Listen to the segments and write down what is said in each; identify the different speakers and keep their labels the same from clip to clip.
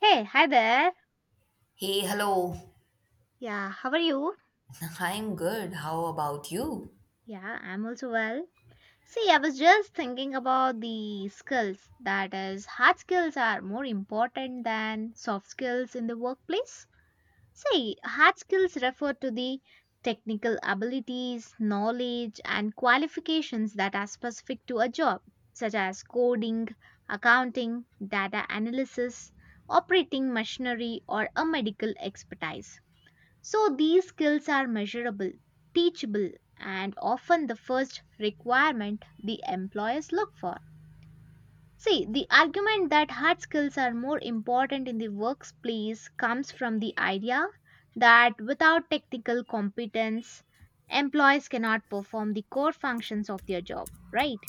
Speaker 1: Hey, hi there.
Speaker 2: Hey, hello.
Speaker 1: Yeah, how are you?
Speaker 2: I'm good. How about you?
Speaker 1: Yeah, I'm also well. See, I was just thinking about the skills. That is, hard skills are more important than soft skills in the workplace. See, hard skills refer to the technical abilities, knowledge, and qualifications that are specific to a job, such as coding, accounting, data analysis, operating machinery, or a medical expertise. So these skills are measurable, teachable, and often the first requirement the employers look for. See, the argument that hard skills are more important in the workplace comes from the idea that without technical competence, employees cannot perform the core functions of their job, right?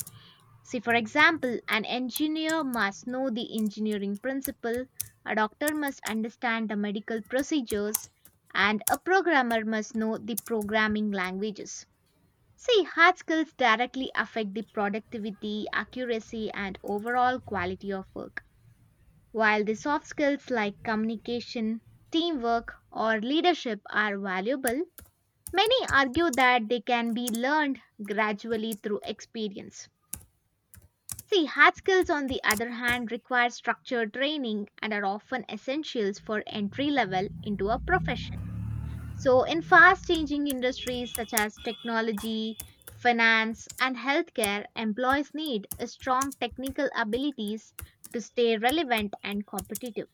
Speaker 1: See, for example, an engineer must know the engineering principle, a doctor must understand the medical procedures, and a programmer must know the programming languages. See, hard skills directly affect the productivity, accuracy, and overall quality of work, while the soft skills like communication, teamwork, or leadership are valuable. Many argue that they can be learned gradually through experience. See, hard skills, on the other hand, require structured training and are often essentials for entry level into a profession. So, in fast changing industries such as technology, finance, and healthcare, employees need a strong technical abilities to stay relevant and competitive.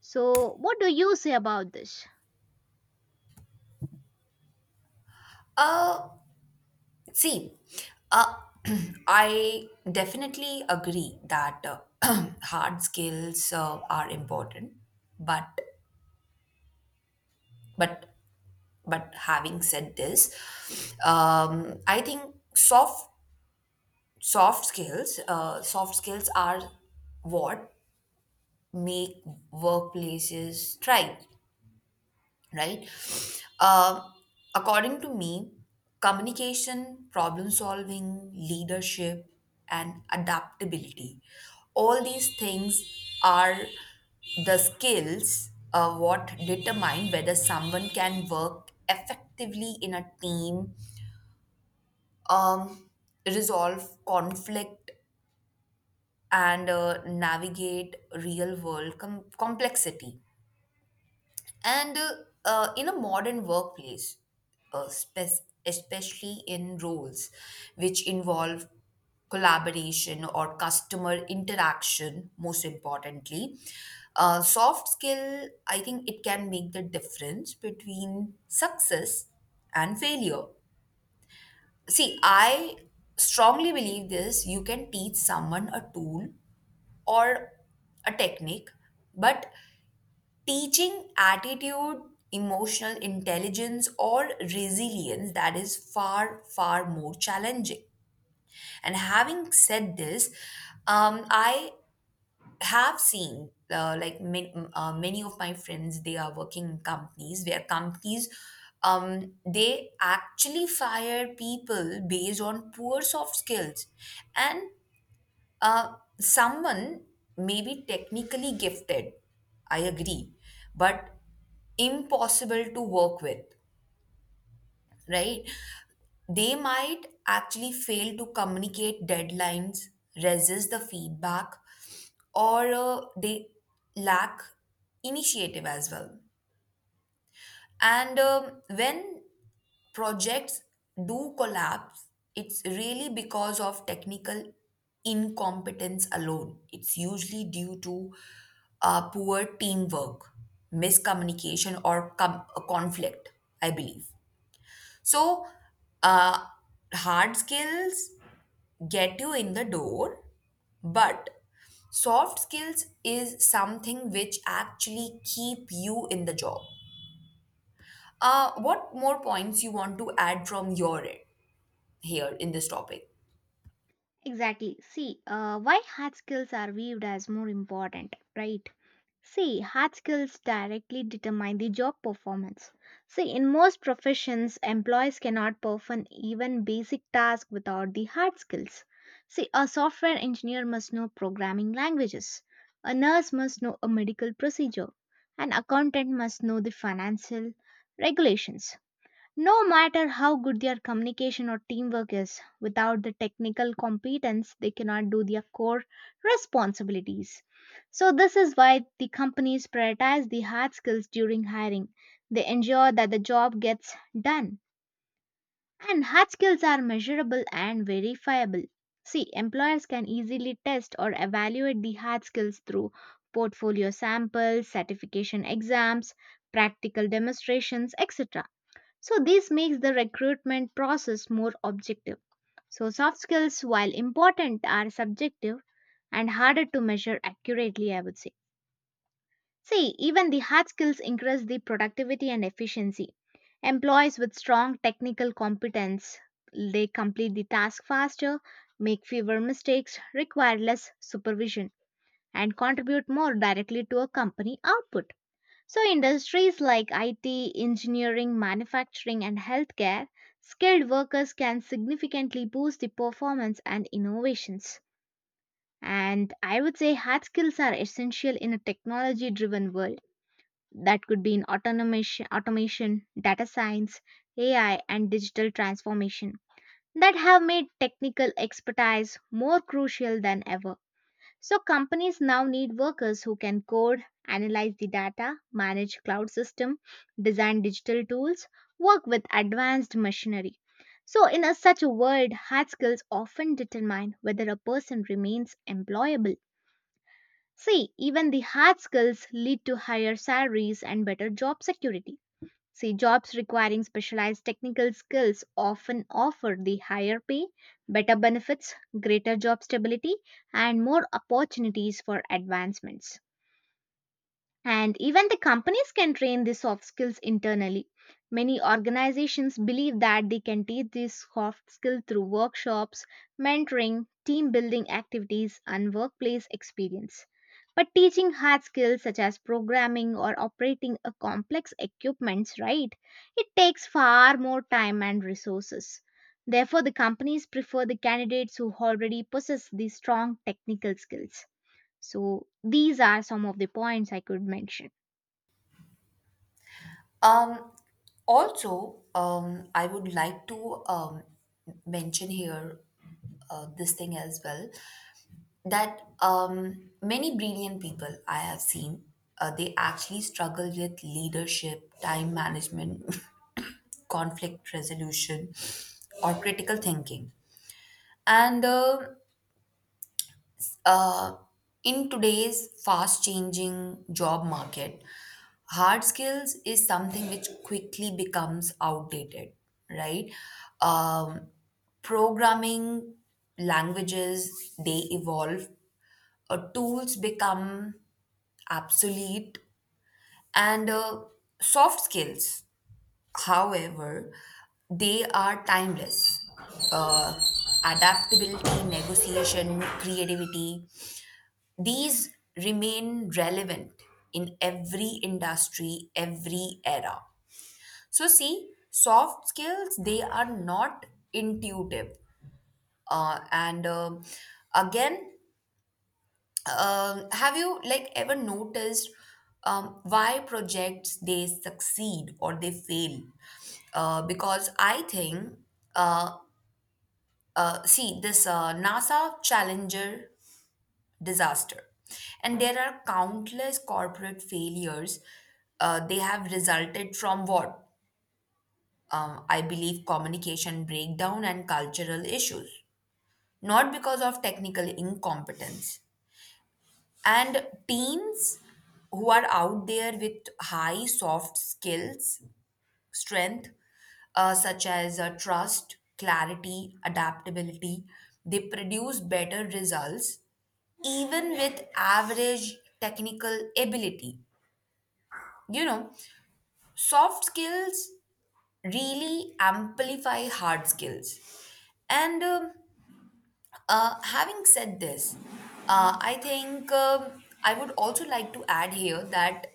Speaker 1: So, what do you say about this?
Speaker 2: Uh, see, uh, I definitely agree that hard skills are important, but but but having said this, I think soft soft skills are what make workplaces thrive, right? Uh, According to me, communication, problem solving, leadership, and adaptability, all these things are the skills what determine whether someone can work effectively in a team, um, resolve conflict, and navigate real world complexity. And In a modern workplace, especially in roles which involve collaboration or customer interaction, most importantly, soft skill, I think it can make the difference between success and failure. See, I strongly believe this. You can teach someone a tool or a technique, but teaching attitude, emotional intelligence, or resilience, that is far, far more challenging. And having said this, I have seen many of my friends, they are working in companies where companies they actually fire people based on poor soft skills, and uh, someone may be technically gifted, I agree, but impossible to work with, right? They might actually fail to communicate deadlines, resist the feedback, or they lack initiative as well. And when projects do collapse, it's really because of technical incompetence alone. It's usually due to poor teamwork, miscommunication, or a conflict, I believe. So, uh, hard skills get you in the door, but soft skills is something which actually keep you in the job. What more points you want to add from your end here in this topic?
Speaker 1: Exactly. See, why hard skills are viewed as more important, right? See, hard skills directly determine the job performance. See, in most professions, employees cannot perform even basic tasks without the hard skills. See, a software engineer must know programming languages, a nurse must know a medical procedure, an accountant must know the financial regulations. No matter how good their communication or teamwork is, without the technical competence, they cannot do their core responsibilities. So, this is why the companies prioritize the hard skills during hiring. They ensure that the job gets done. And hard skills are measurable and verifiable. See, employers can easily test or evaluate the hard skills through portfolio samples, certification exams, practical demonstrations, etc. So, this makes the recruitment process more objective. So, soft skills, while important, are subjective and harder to measure accurately, I would say. See, even the hard skills increase the productivity and efficiency. Employees with strong technical competence, they complete the task faster, make fewer mistakes, require less supervision, and contribute more directly to a company output. So, industries like IT, engineering, manufacturing, and healthcare, skilled workers can significantly boost the performance and innovations. And I would say hard skills are essential in a technology driven world. That could be in automation, data science, AI, and digital transformation that have made technical expertise more crucial than ever. So companies now need workers who can code, analyze the data, manage cloud system, design digital tools, work with advanced machinery. So in a, such a world, hard skills often determine whether a person remains employable. See, even the hard skills lead to higher salaries and better job security. See, jobs requiring specialized technical skills often offer the higher pay, better benefits, greater job stability, and more opportunities for advancements. And even the companies can train these soft skills internally. Many organizations believe that they can teach these soft skills through workshops, mentoring, team building activities, and workplace experience. But teaching hard skills such as programming or operating a complex equipments, right? It takes far more time and resources. Therefore, the companies prefer the candidates who already possess these strong technical skills. So these are some of the points I could mention.
Speaker 2: Um, I would like to mention here this thing as well, that many brilliant people I have seen, they actually struggle with leadership, time management, conflict resolution, or critical thinking. And Uh, in today's fast changing job market, hard skills is something which quickly becomes outdated, right? Um, Programming languages, they evolve, tools become obsolete, and soft skills, however, they are timeless. Uh, Adaptability, negotiation, creativity, these remain relevant in every industry, every era. So, see, soft skills, they are not intuitive. And Again, have you like ever noticed why projects they succeed or they fail? Uh, because I think, uh, See, this NASA Challenger disaster. And there are countless corporate failures. They have resulted from what, I believe, communication breakdown and cultural issues, not because of technical incompetence. And teens who are out there with high soft skills, strength, such as trust, clarity, adaptability, they produce better results even with average technical ability. You know, soft skills really amplify hard skills. And Having said this, I think I would also like to add here that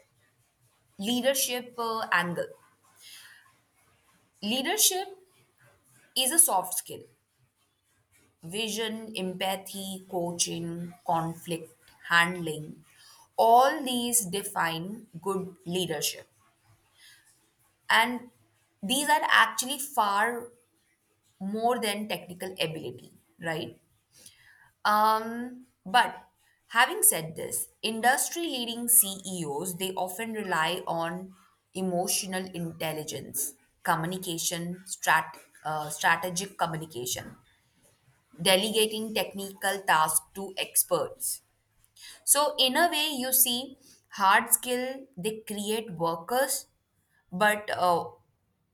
Speaker 2: leadership angle. Leadership is a soft skill. Vision, empathy, coaching, conflict handling, all these define good leadership, and these are actually far more than technical ability, right? But having said this, industry leading CEOs, they often rely on emotional intelligence, communication strat- strategic communication, delegating technical tasks to experts. So in a way, you see, hard skill, they create workers, but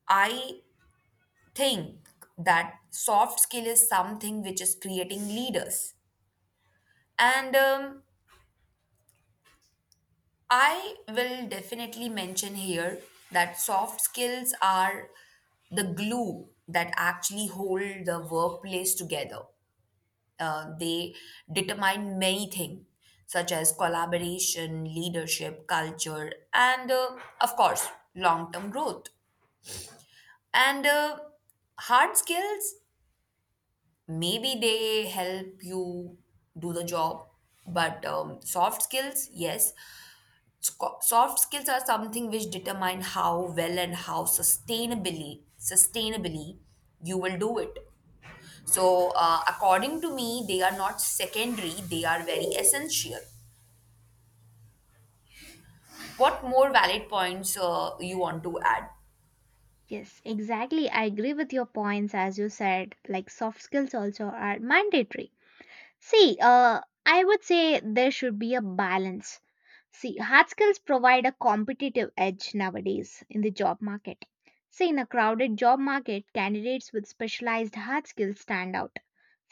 Speaker 2: I think that soft skill is something which is creating leaders. And I will definitely mention here that soft skills are the glue that actually hold the workplace together. They determine many things, such as collaboration, leadership, culture, and, of course, long term growth. And hard skills, maybe they help you do the job, but soft skills, yes, soft skills are something which determine how well and how sustainably you will do it. So according to me, they are not secondary, they are very essential. What more valid points you want to add?
Speaker 1: Yes, exactly. I agree with your points as you said, like soft skills also are mandatory. See, I would say there should be a balance. See, hard skills provide a competitive edge nowadays in the job market. See, in a crowded job market, candidates with specialized hard skills stand out.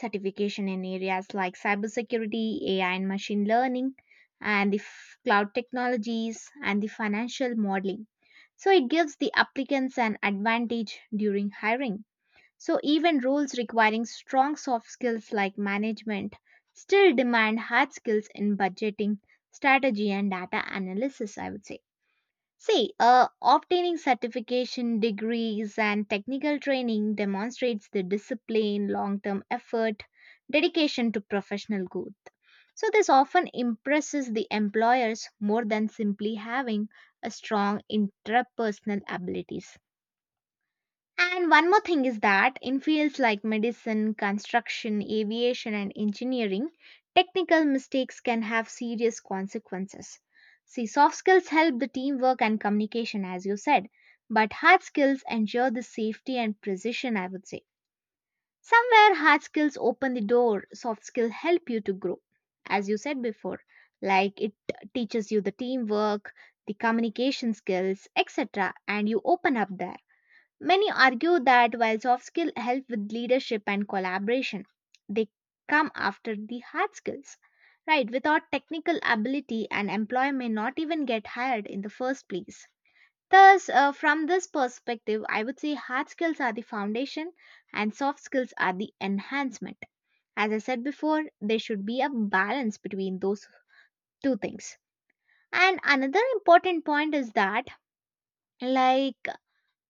Speaker 1: Certification in areas like cybersecurity, AI and machine learning, and the cloud technologies and the financial modeling. So it gives the applicants an advantage during hiring. So even roles requiring strong soft skills like management still demand hard skills in budgeting, strategy and data analysis, I would say. See, obtaining certification, degrees, and technical training demonstrates the discipline, long term effort, dedication to professional growth. So, this often impresses the employers more than simply having a strong interpersonal abilities. And one more thing is that in fields like medicine, construction, aviation, and engineering, technical mistakes can have serious consequences. See, soft skills help the teamwork and communication, as you said, but hard skills ensure the safety and precision, I would say. Somewhere, hard skills open the door, soft skills help you to grow, as you said before, like it teaches you the teamwork, the communication skills, etc., and you open up there. Many argue that while soft skills help with leadership and collaboration, they come after the hard skills. Right, without technical ability, an employee may not even get hired in the first place. Thus, from this perspective, I would say hard skills are the foundation and soft skills are the enhancement. As I said before, there should be a balance between those two things. And another important point is that, like,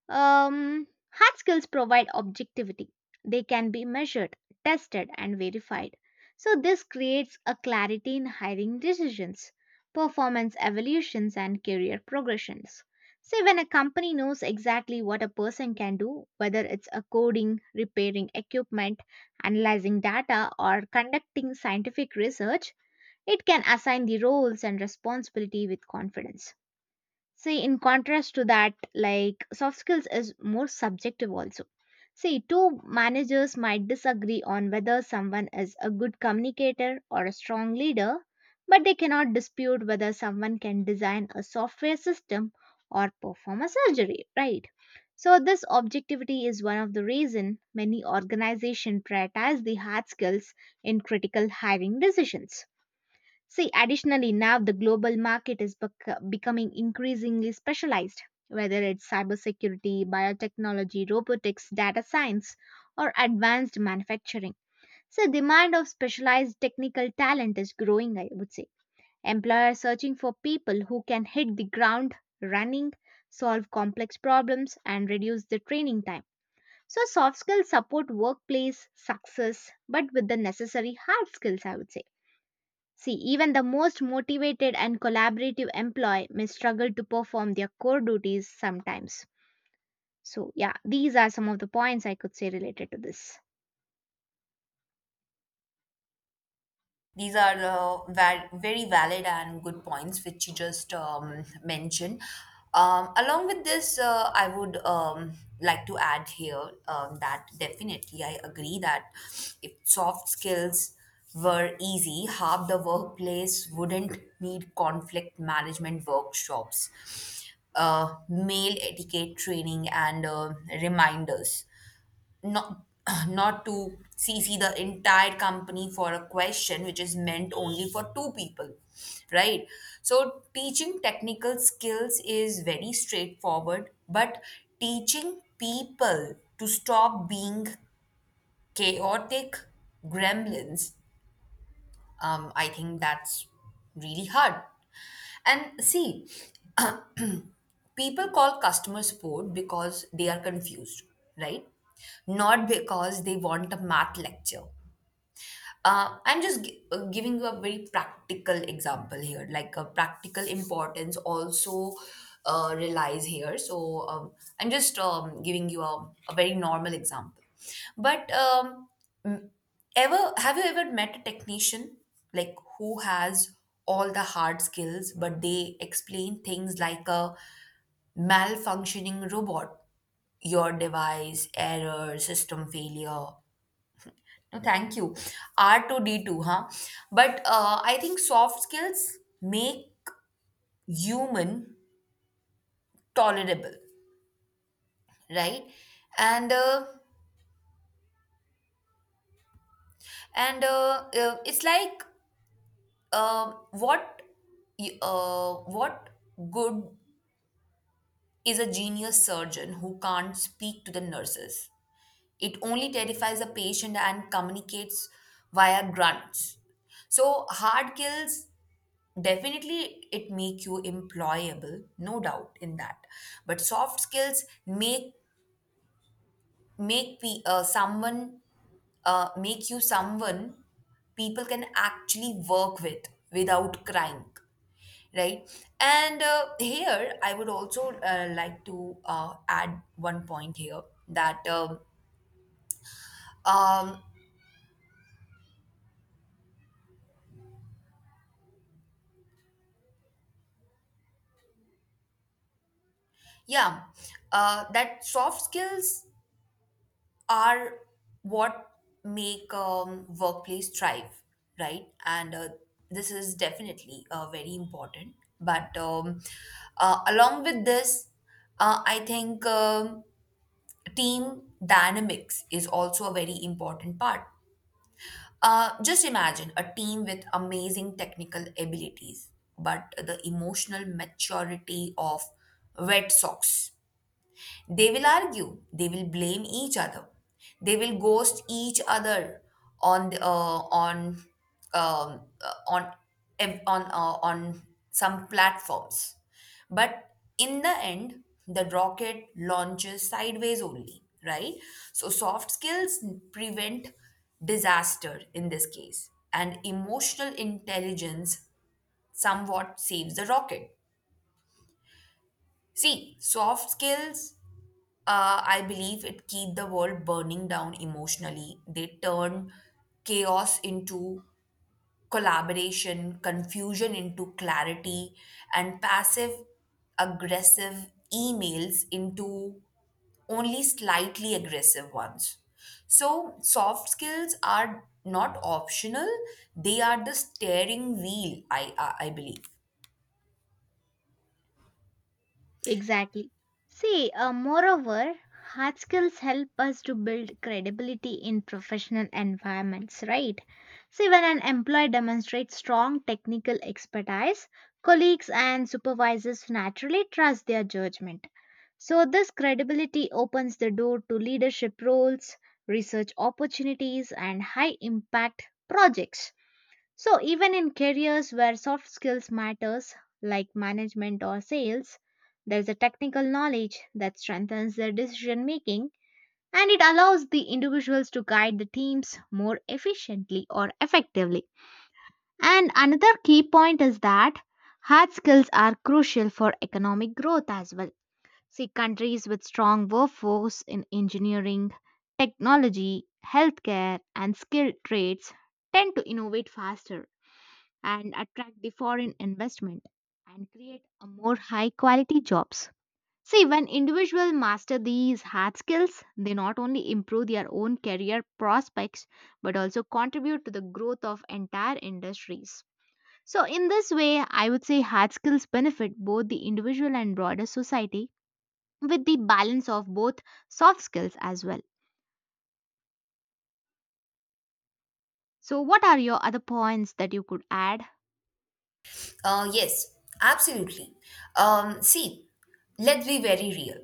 Speaker 1: hard skills provide objectivity. They can be measured, tested, and verified. So, this creates a clarity in hiring decisions, performance evolutions, and career progressions. Say, when a company knows exactly what a person can do, whether it's a coding, repairing equipment, analyzing data, or conducting scientific research, it can assign the roles and responsibility with confidence. See, in contrast to that, like soft skills is more subjective also. See, two managers might disagree on whether someone is a good communicator or a strong leader, but they cannot dispute whether someone can design a software system or perform a surgery, right? So this objectivity is one of the reason many organizations prioritize the hard skills in critical hiring decisions. See, additionally, now the global market is becoming increasingly specialized, whether it's cybersecurity, biotechnology, robotics, data science, or advanced manufacturing. So, demand of specialized technical talent is growing, I would say. Employers searching for people who can hit the ground running, solve complex problems, and reduce the training time. So, soft skills support workplace success, but with the necessary hard skills, I would say. See, even the most motivated and collaborative employee may struggle to perform their core duties sometimes. So, yeah, these are some of the points I could say related to this.
Speaker 2: These are very valid and good points which you just mentioned. Along with this, I would like to add here, that definitely I agree that if soft skills were easy, half the workplace wouldn't need conflict management workshops, mail etiquette training, and, reminders not not to cc the entire company for a question which is meant only for two people, right? So teaching technical skills is very straightforward, but teaching people to stop being chaotic gremlins, I think that's really hard. And see, people call customer support because they are confused, right? Not because they want a math lecture. Giving you a very practical example here, like a practical importance also relies here. So I'm just giving you a very normal example. But m- ever have you ever met a technician like who has all the hard skills, but they explain things like a malfunctioning robot, your device, error, system failure, no, thank you. R2D2, huh? But I think soft skills make human tolerable, right? And uh, and It's like uh, what what good is a genius surgeon who can't speak to the nurses? It only terrifies a patient and communicates via grunts. So hard skills, definitely it make you employable, no doubt in that, but soft skills make pe- uh, someone make you someone people can actually work with without crying, right? and Here I would also like to add one point here, that um yeah that soft skills are what make, workplace thrive, right? And this is definitely very important. But along with this, I think, team dynamics is also a very important part. Just imagine a team with amazing technical abilities, but the emotional maturity of wet socks. They will argue, they will blame each other, they will ghost each other on the, on on ev- on some platforms. But in the end, the rocket launches sideways only, right? So soft skills prevent disaster in this case, and emotional intelligence somewhat saves the rocket. See, soft skills, I believe, it keep the world burning down emotionally. They turn chaos into collaboration, confusion into clarity, and passive aggressive emails into only slightly aggressive ones. So, soft skills are not optional, they are the steering wheel, I believe.
Speaker 1: Exactly. See, moreover, hard skills help us to build credibility in professional environments, right? See, when an employee demonstrates strong technical expertise, colleagues and supervisors naturally trust their judgment. So, this credibility opens the door to leadership roles, research opportunities, and high impact projects. So even in careers where soft skills matters like management or sales, there's a technical knowledge that strengthens their decision making and it allows the individuals to guide the teams more efficiently or effectively. And another key point is that hard skills are crucial for economic growth as well. See, countries with strong workforce in engineering, technology, healthcare, and skilled trades tend to innovate faster and attract the foreign investment and create a more high quality jobs. See, when individuals master these hard skills, they not only improve their own career prospects but also contribute to the growth of entire industries. So, in this way, I would say hard skills benefit both the individual and broader society with the balance of both soft skills as well. So, what are your other points that you could add?
Speaker 2: Yes, absolutely. See, let's be very real.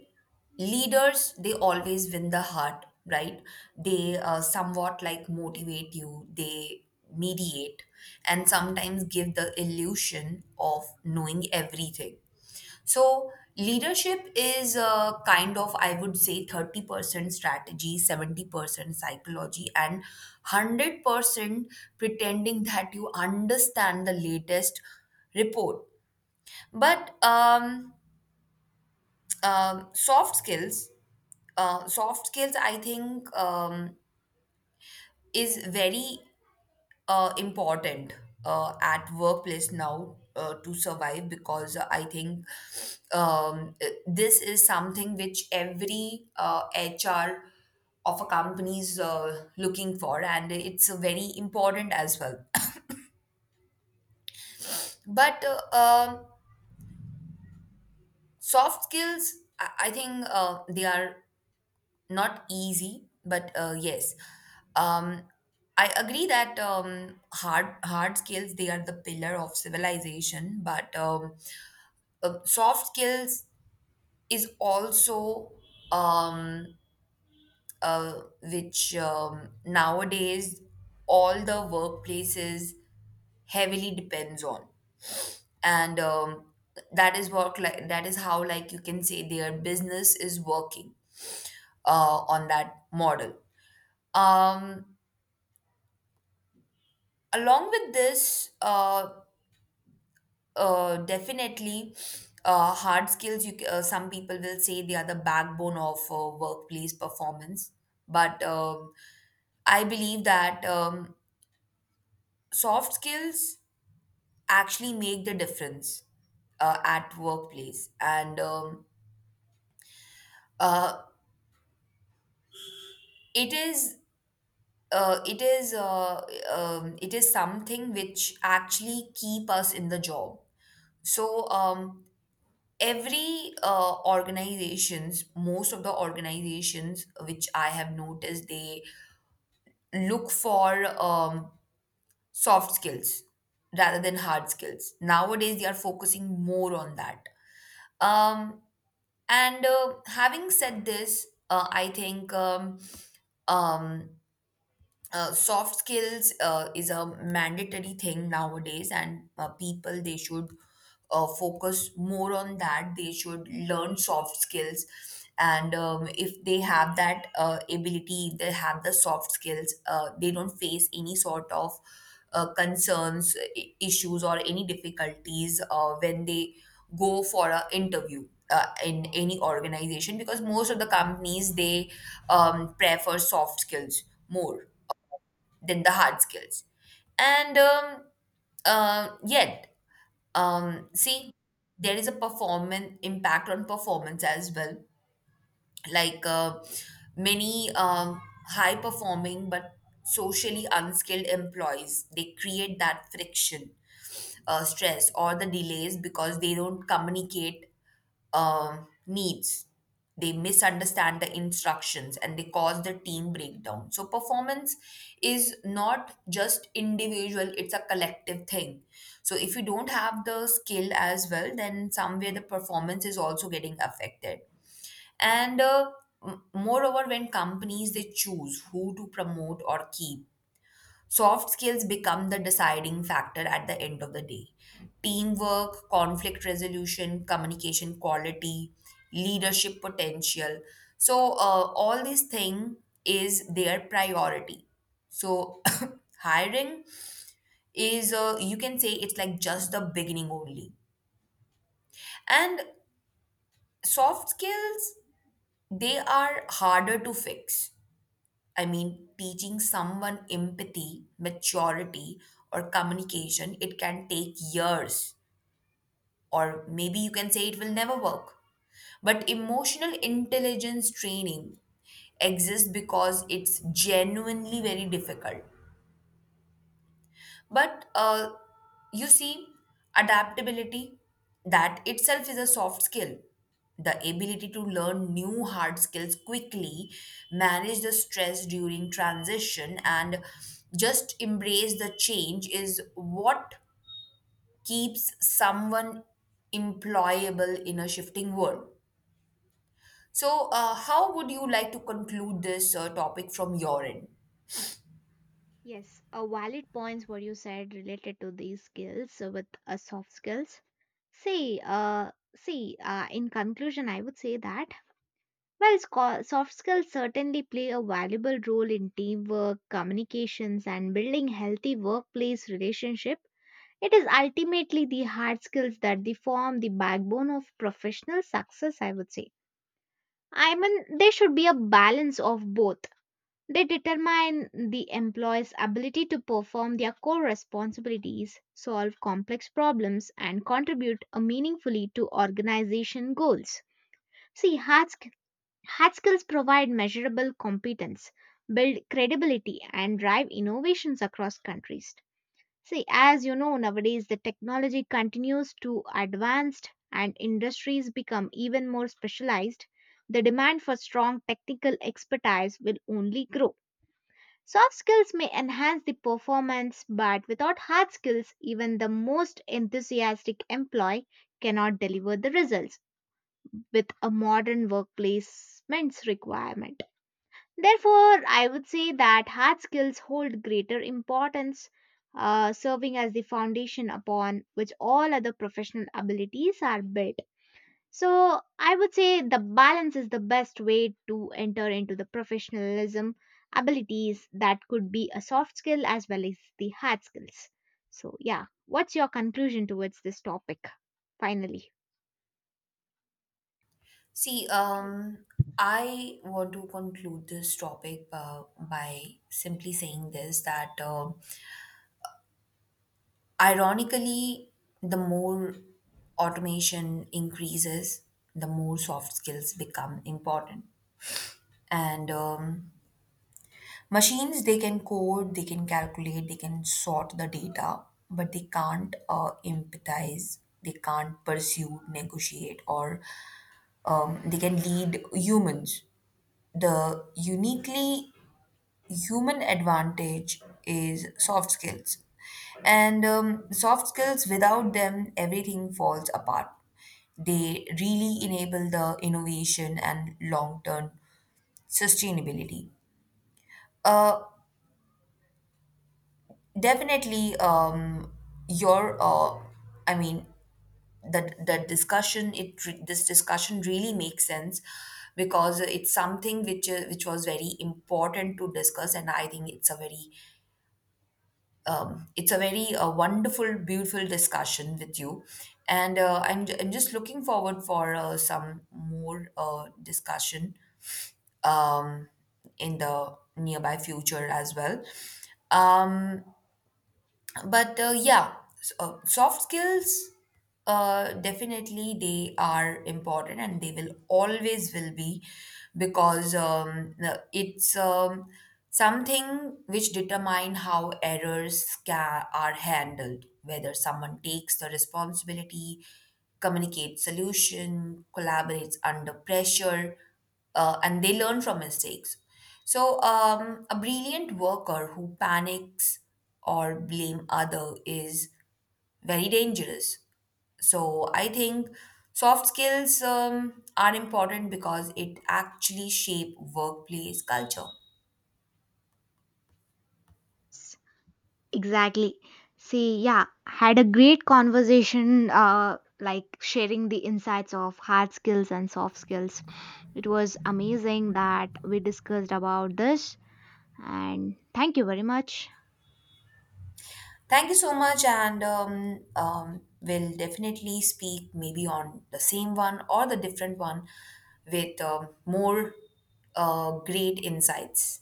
Speaker 2: Leaders, they always win the heart, right? They somewhat like motivate you, they mediate, and sometimes give the illusion of knowing everything. So leadership is a kind of, I would say, 30% strategy, 70% psychology, and 100% pretending that you understand the latest report. But um, soft skills, soft skills, I think, is very important at workplace now to survive, because I think, this is something which every HR of a company is looking for, and it's very important as well. But uh, um, soft skills, I think they are not easy, but yes. Um, I agree that, hard skills, they are the pillar of civilization, but soft skills is also, um, uh, which nowadays all the workplaces heavily depends on, and that is work, like that is how, like you can say their business is working on that model. um, Along with this, definitely, hard skills, you some people will say they are the backbone of workplace performance, but I believe that, soft skills actually make the difference at workplace. And uh, it is it is it is something which actually keep us in the job. So every organizations, most of the organizations which I have noticed, they look for soft skills rather than hard skills nowadays. They are focusing more on that. Um, and Having said this, I think, um, soft skills is a mandatory thing nowadays, and people, they should focus more on that. They should learn soft skills, and if they have that ability, if they have the soft skills, they don't face any sort of concerns, issues or any difficulties when they go for an interview in any organization, because most of the companies, they prefer soft skills more than the hard skills. And Yet, see, there is a performance impact on performance as well, like, many, high performing but socially unskilled employees, they create that friction, stress or the delays because they don't communicate needs, they misunderstand the instructions, and they cause the team breakdown. So performance is not just individual, it's a collective thing, so if you don't have the skill as well, then somewhere the performance is also getting affected. And moreover, when companies, they choose who to promote or keep, soft skills become the deciding factor at the end of the day. Teamwork, conflict resolution, communication quality, leadership potential, so all these thing is their priority. So hiring is, you can say, it's like just the beginning only, and soft skills, they are harder to fix. I mean, teaching someone empathy, maturity, or communication, it can take years, or maybe you can say it will never work. But emotional intelligence training exists because it's genuinely very difficult. But you see, adaptability, that itself is a soft skill. The ability to learn new hard skills quickly, manage the stress during transition, and just embrace the change is what keeps someone employable in a shifting world. So, how would you like to conclude this topic from your end?
Speaker 1: Yes, a valid points what you said related to these skills with soft skills. See, in conclusion, I would say that well, soft skills certainly play a valuable role in teamwork, communications, and building healthy workplace relationship. It is ultimately the hard skills that they form the backbone of professional success, I would say. I mean, there should be a balance of both. They determine the employee's ability to perform their core responsibilities, solve complex problems, and contribute meaningfully to organization goals. See, hard skills provide measurable competence, build credibility, and drive innovations across countries. See, as you know, nowadays the technology continues to advance and industries become even more specialized. The demand for strong technical expertise will only grow. Soft skills may enhance the performance, but without hard skills, even the most enthusiastic employee cannot deliver the results with a modern workplace's requirement. Therefore, I would say that hard skills hold greater importance, serving as the foundation upon which all other professional abilities are built. So I would say the balance is the best way to enter into the professionalism abilities that could be a soft skill as well as the hard skills. So yeah, what's your conclusion towards this topic finally?
Speaker 2: See, I want to conclude this topic by simply saying this, that ironically, the more automation increases, the more soft skills become important. And machines, they can code, they can calculate, they can sort the data, but they can't empathize, they can't pursue, negotiate, or they can lead humans. The uniquely human advantage is soft skills. And soft skills, without them, everything falls apart. They really enable the innovation and long term sustainability. Uh, Definitely, your, uh, I mean, the discussion, it this discussion really makes sense, because it's something which was very important to discuss, and I think it's a very, it's a very wonderful, beautiful discussion with you, and I'm just looking forward for some more discussion um, in the nearby future as well. Um, but Yeah, soft skills, definitely they are important, and they will always will be, because it's something which determine how errors ca are handled, whether someone takes the responsibility, communicates solution, collaborates under pressure, and they learn from mistakes. So a brilliant worker who panics or blame other is very dangerous. So I think soft skills are important because it actually shape workplace culture.
Speaker 1: S- Exactly. See, yeah, had a great conversation, like sharing the insights of hard skills and soft skills. It was amazing that we discussed about this, and thank you very much.
Speaker 2: Thank you so much, and we'll definitely speak maybe on the same one or the different one with more great insights.